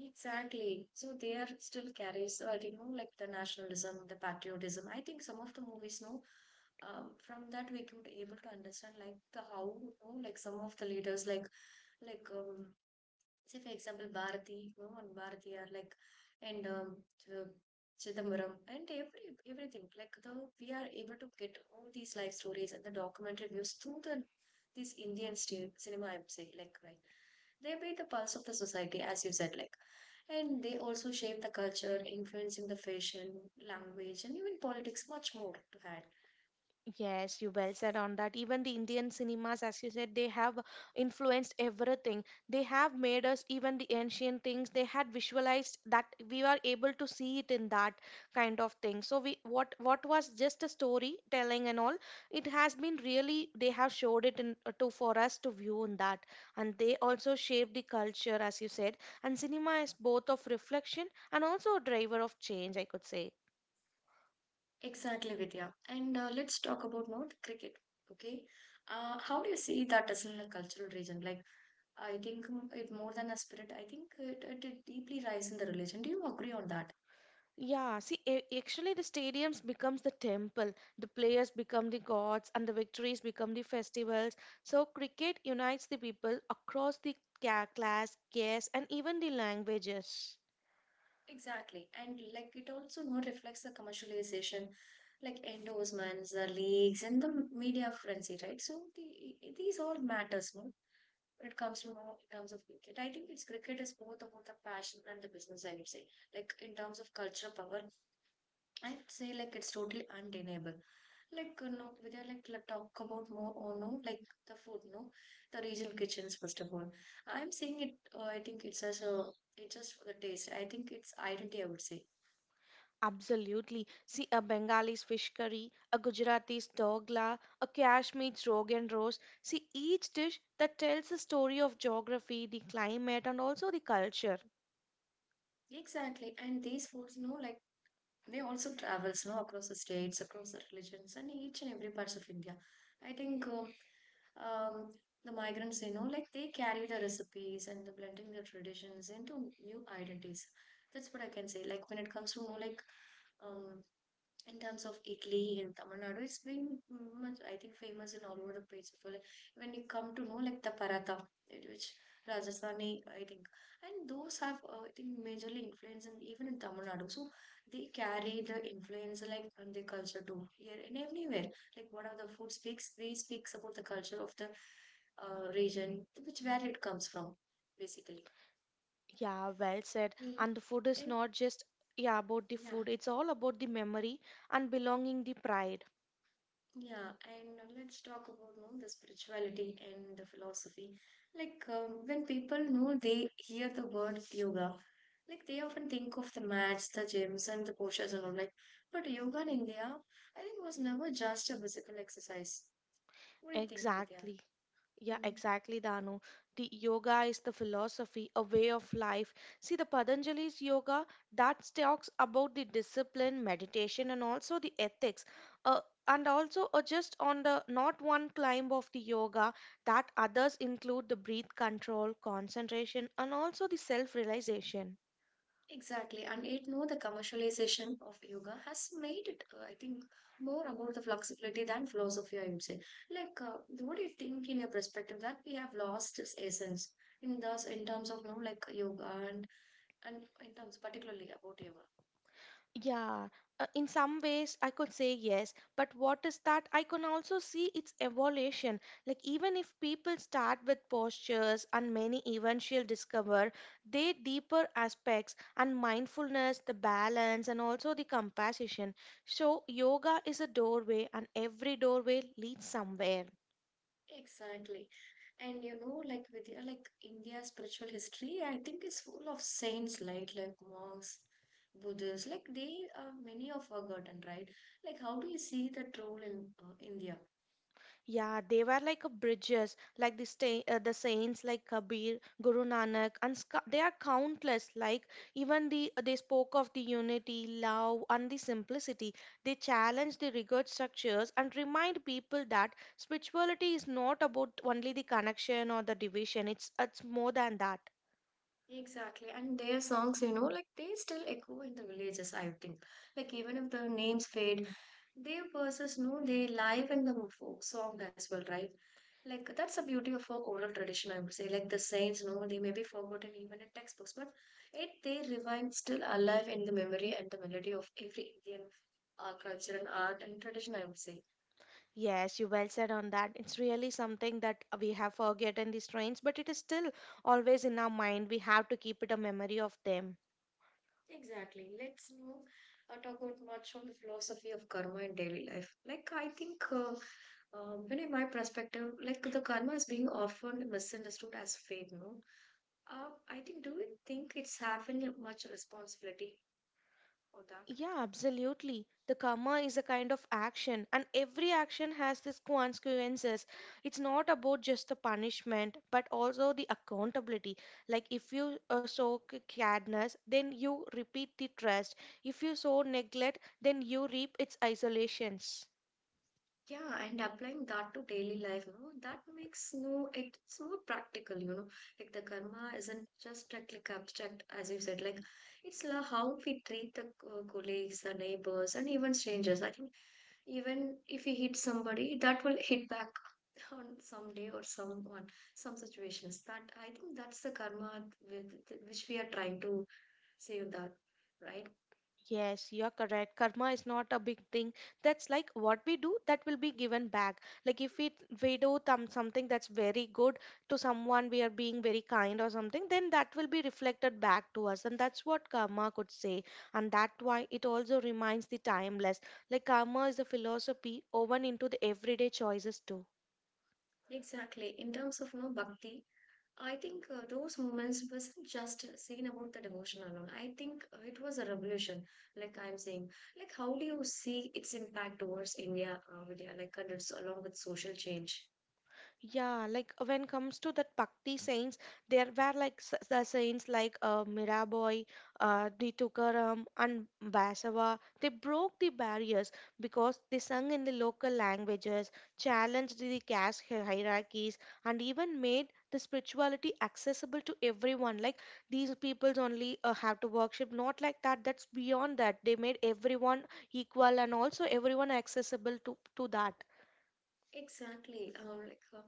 S1: Exactly. So they are still carries, you know, like the nationalism, the patriotism. I think some of the movies, no, from that we could able to understand like the how, you know, like some of the leaders, like say for example Bharati, no one Bharati are like and Ch- Chidambaram and everything like the we are able to get all these life stories and the documentary views through the this Indian cinema I'm saying like right they be the pulse of the society as you said like and they also shape the culture influencing the fashion language and even politics much more to add.
S2: Yes, you well said on that. Even the Indian cinemas, as you said, they have influenced everything. They have made us even the ancient things. They had visualized that we were able to see it in that kind of thing. So we what was just a story telling and all, it has been really they have showed it in to for us to view in that, and they also shaped the culture, as you said. And cinema is both of reflection and also a driver of change, I could say.
S1: Exactly, Vidya, and let's talk about now the cricket. Okay. How do you see that as in a cultural region like I think it more than a spirit. I think it deeply lies in the religion. Do you agree on that?
S2: Yeah, see, actually, the stadiums becomes the temple, the players become the gods, and the victories become the festivals. So, cricket unites the people across the class, caste, and even the languages.
S1: Exactly. And like it also more reflects the commercialization, like endorsements, the leagues, and the media frenzy, right? So the, these all matters, more. It comes to more in terms of cricket. I think it's cricket is both about the passion and the business, I would say. Like in terms of cultural power, I would say like it's totally undeniable. Like you know, we are like let talk about more or no, like the food, no, the regional kitchens first of all. I'm saying it. I think it's as a it's just for the taste. I think it's identity. I would say
S2: Absolutely. See, a Bengali's fish curry, a Gujarati's dogla, a Kashmiri's rogan rose. See, each dish that tells the story of geography, the climate, and also the culture.
S1: exactly. And these foods, no, like they also travels no, across the states, across the religions, and each and every parts of India. I think the migrants, you know, like they carry the recipes and the blending their traditions into new identities. That's what I can say. Like when it comes to more like um, in terms of Italy and Tamil Nadu, it's been much, I think, famous in all over the place. So, like, when you come to know, like, the paratha, which Rajasthani, I think, and those have, I think, majorly influence in, even in Tamil Nadu. So, they carry the influence, like, on their culture too, here and everywhere. Like, what are the food speaks, they speaks about the culture of the region, which where it comes from, basically.
S2: Yeah, well said.
S1: Mm.
S2: And the food is
S1: And,
S2: not just yeah about the
S1: yeah.
S2: food. It's all about the memory and belonging the pride.
S1: Yeah, and let's talk about no, the spirituality and the philosophy. Like when people know they hear the word yoga, like they often think of the mats, the gyms, and the postures and all. Like, but yoga in India, I think, was never just a physical exercise. What do you think, Vidya?
S2: Exactly. Yeah,
S1: Hmm.
S2: exactly, Danu. The yoga is the philosophy, a way of life. See, the Patanjali's yoga that talks about the discipline, meditation, and also the ethics. Uh, and also just on the not one climb of the yoga that others include the breath control, concentration, and also the self-realization.
S1: Exactly, and it know the commercialization of yoga has made it, I think, more about the flexibility than philosophy. I would say, like, what do you think in your perspective that we have lost its essence in thus in terms of you know, like yoga and in terms particularly about yoga.
S2: Yeah, in some ways I could say yes, but what is that? I can also see its evolution. Like, even if people start with postures, and many eventually discover their deeper aspects and mindfulness, the balance, and also the compassion. So, yoga is a doorway, and every doorway leads somewhere.
S1: Exactly, and you know, like with like India's spiritual history, I think is full of saints, like monks, Buddhists, like they many are forgotten, right? Like, how do you see that role in India?
S2: Yeah, they were like a bridges, like the the saints like Kabir, Guru Nanak, and they are countless. Like even the they spoke of the unity, love, and the simplicity. They challenge the rigid structures and remind people that spirituality is not about only the connection or the division. It's more than that.
S1: Exactly. And their songs, you know, like they still echo in the villages, I think. Like even if the names fade, their verses know they live in the folk song as well, right? Like that's the beauty of our oral tradition, I would say. Like the saints, no, they may be forgotten even in textbooks, but it they remain still alive in the memory and the melody of every Indian culture and art and tradition, I would say.
S2: Yes, you well said on that. It's really something that we have forgotten these trains, but it is still always in our mind. We have to keep it a memory of them.
S1: Exactly. Let's now talk about much on the philosophy of karma in daily life. Like, I think, uh, when in my perspective, like the karma is being often misunderstood as fate. No, I think. Do you think it's having much responsibility on that?
S2: Yeah, absolutely. The karma is a kind of action, and every action has this consequences. It's not about just the punishment, but also the accountability. Like if you sow kindness, then you repeat the trust. If you sow neglect, then you reap its isolations.
S1: Yeah, and applying that to daily life, you know, that makes no, it's more practical, you know. Like the karma isn't just like abstract, as you said, like it's la how we treat the colleagues, the neighbors, and even strangers. I think even if we hit somebody, that will hit back <laughs> on someday or someone, some situations. That I think that's the karma with which we are trying to say that, right?
S2: Yes, you're correct. Karma is not a big thing. That's like what we do that will be given back. Like if we do something that's very good to someone, we are being very kind or something, then that will be reflected back to us, and that's what karma could say. And that's why it also reminds the timeless. Like karma is a philosophy woven into the everyday choices too.
S1: Exactly. In terms of you know, bhakti, I think those moments wasn't just seen about the devotion alone. I think it was a revolution, like I'm saying. Like, how do you see its impact towards India, Vidya, like that's along with social change?
S2: Yeah, like when comes to that Bhakti saints, there were like the saints like Mirabai, the Tukaram, and Basava. They broke the barriers because they sung in the local languages, challenged the caste hierarchies, and even made the spirituality accessible to everyone. Like these peoples only have to worship, not like that. That's beyond that. They made everyone equal and also everyone accessible to that.
S1: Exactly. Like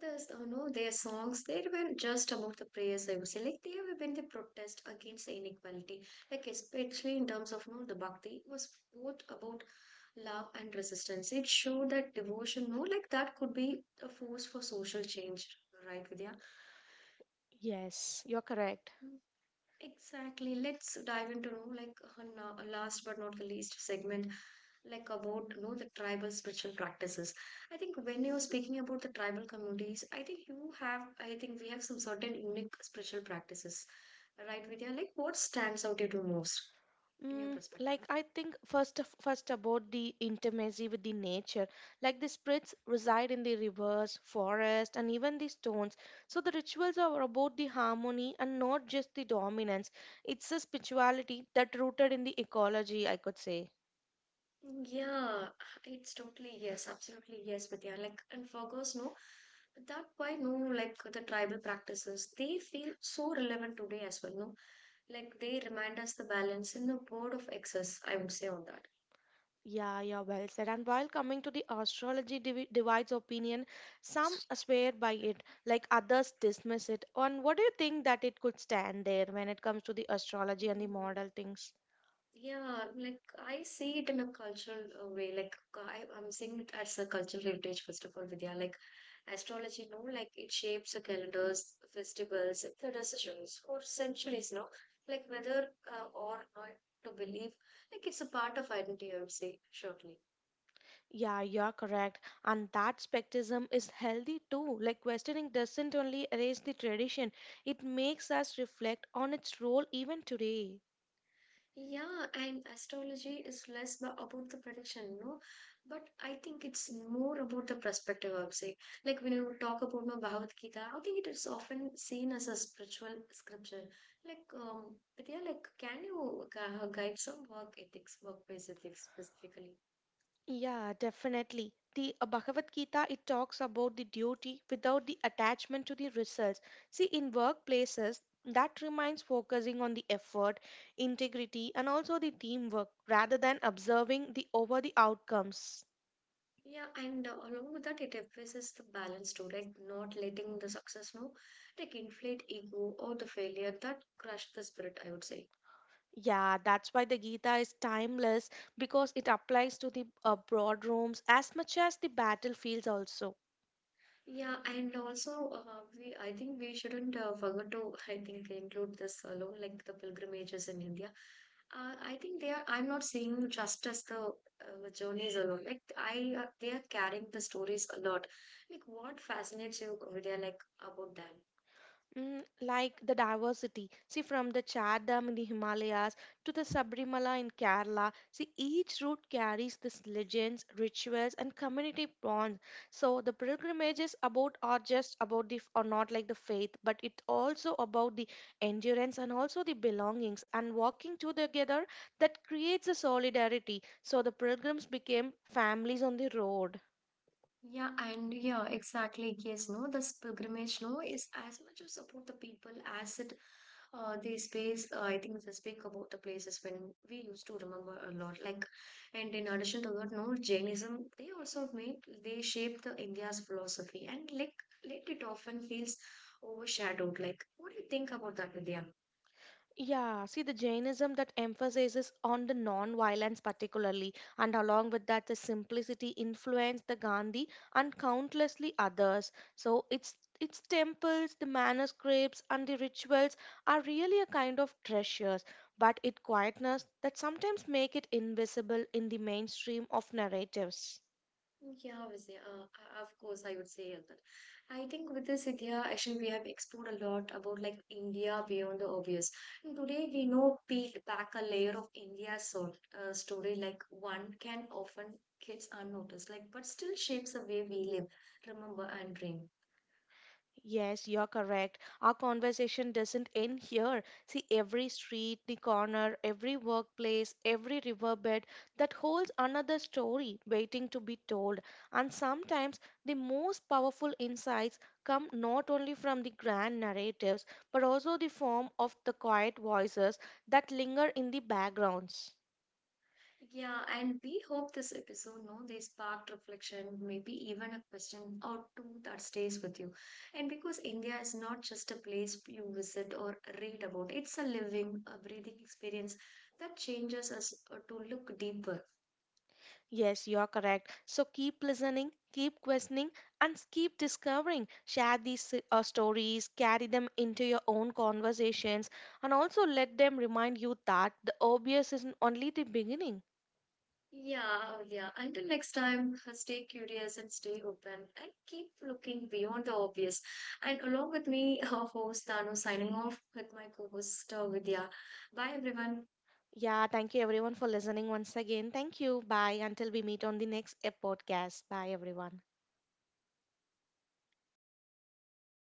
S1: this, no, their songs they were just about the prayers. I would say, like they have been the protest against the inequality, like especially in terms of no, the bhakti was both about love and resistance. It showed that devotion, no, like that could be a force for social change, right, Vidya?
S2: Yes, you're correct.
S1: Exactly. Let's dive into know, like now, last but not the least segment, like about you know the tribal spiritual practices. I think when you're speaking about the tribal communities, I think you have, I think we have some certain unique spiritual practices, right, Vidya? Like what stands out to you most in your
S2: Mm,
S1: perspective?
S2: like I think first about the intimacy with the nature. Like the spirits reside in the rivers, forest, and even the stones. So the rituals are about the harmony and not just the dominance. It's a spirituality that rooted in the ecology, I could say.
S1: Yeah, it's totally yes, absolutely yes, Vidya. Like and Virgos, no, that why no, like the tribal practices, they feel so relevant today as well, no? Like they remind us the balance in the board of excess, I would say on that.
S2: Yeah, yeah, well said. And while coming to the astrology divides opinion, some swear by it, like others dismiss it. And what do you think that it could stand there when it comes to the astrology and the
S1: Mm,
S2: model things?
S1: yeah, like I see it in a cultural way. Like I, I'm seeing it as a cultural heritage, first of all, Vidya. Like astrology, you know, like it shapes the calendars, festivals, the decisions for centuries now. Like whether or not to believe, like it's a part of identity, I would say, shortly.
S2: Yeah, you're correct. And that skepticism is healthy too. Like, questioning doesn't only erase the tradition, it makes us reflect on its role even today.
S1: Yeah, and astrology is less about the prediction, no? But I think it's more about the perspective, I would say. Like when you talk about the Bhagavad Gita, I think it is often seen as a spiritual scripture. Like, but yeah, like, can you guide some work ethics, workplace ethics specifically?
S2: Yeah, definitely. The Bhagavad Gita it talks about the duty without the attachment to the results. See, in workplaces, that reminds focusing on the effort, integrity, and also the teamwork rather than observing the over the outcomes.
S1: Yeah, and along with that, it emphasizes the balance too, like not letting the success, no, like inflate ego or the failure that crushed the spirit, I would say.
S2: Yeah, that's why the Gita is timeless because it applies to the broad rooms as much as the battlefields also.
S1: Yeah, and also, we I think we shouldn't forget to I think include this alone, like the pilgrimages in India. I think they are. I'm not seeing just as the journeys alone. Like I, they are carrying the stories a lot. Like what fascinates you, Vidya, like about that?
S2: Mm, like the diversity. See, from the Char Dam in the Himalayas to the Sabrimala in Kerala, see, each route carries this legends, rituals, and community bonds. So the pilgrimages about are just about the or not like the faith, but it also about the endurance and also the belongings and walking two together that creates a solidarity. So the pilgrims became families on the road.
S1: Yeah, and yeah, exactly. Yes, no, this pilgrimage, no, is as much to support the people as it the space, I think, they speak about the places when we used to remember a lot. Like, and in addition to that, no Jainism, they also made they shaped the India's philosophy, and like, let it often feels overshadowed. Like, what do you think about that, Vidya?
S2: Yeah, see the Jainism that emphasizes on the non-violence particularly, and along with that the simplicity influenced the Gandhi and countlessly others. So its temples, the manuscripts, and the rituals are really a kind of treasures, but it quietness that sometimes make it invisible in the mainstream of narratives.
S1: Yeah, Vijay, of course, I would say that. I think with this, Vidya, actually, we have explored a lot about like India beyond the obvious. And today, we know peeled back a layer of India's so, story, like one can often gets unnoticed, like but still shapes the way we live, remember, and dream.
S2: Yes, you're correct. Our conversation doesn't end here. See, every street, the corner, every workplace, every riverbed that holds another story waiting to be told. And sometimes the most powerful insights come not only from the grand narratives, but also the form of the quiet voices that linger in the backgrounds.
S1: Yeah, and we hope this episode, no, they sparked reflection, maybe even a question or two that stays with you. And because India is not just a place you visit or read about, it's a living, a breathing experience that changes us to look deeper.
S2: Yes, you're correct. So keep listening, keep questioning, and keep discovering. Share these stories, carry them into your own conversations, and also let them remind you that the obvious is only the beginning.
S1: Yeah, oh, yeah. Until next time, stay curious and stay open and keep looking beyond the obvious. And along with me, our host Tanu signing off with my co-host Vidya. Bye, everyone.
S2: Yeah, thank you everyone for listening once again. Thank you. Bye. Until we meet on the next podcast. Bye, everyone.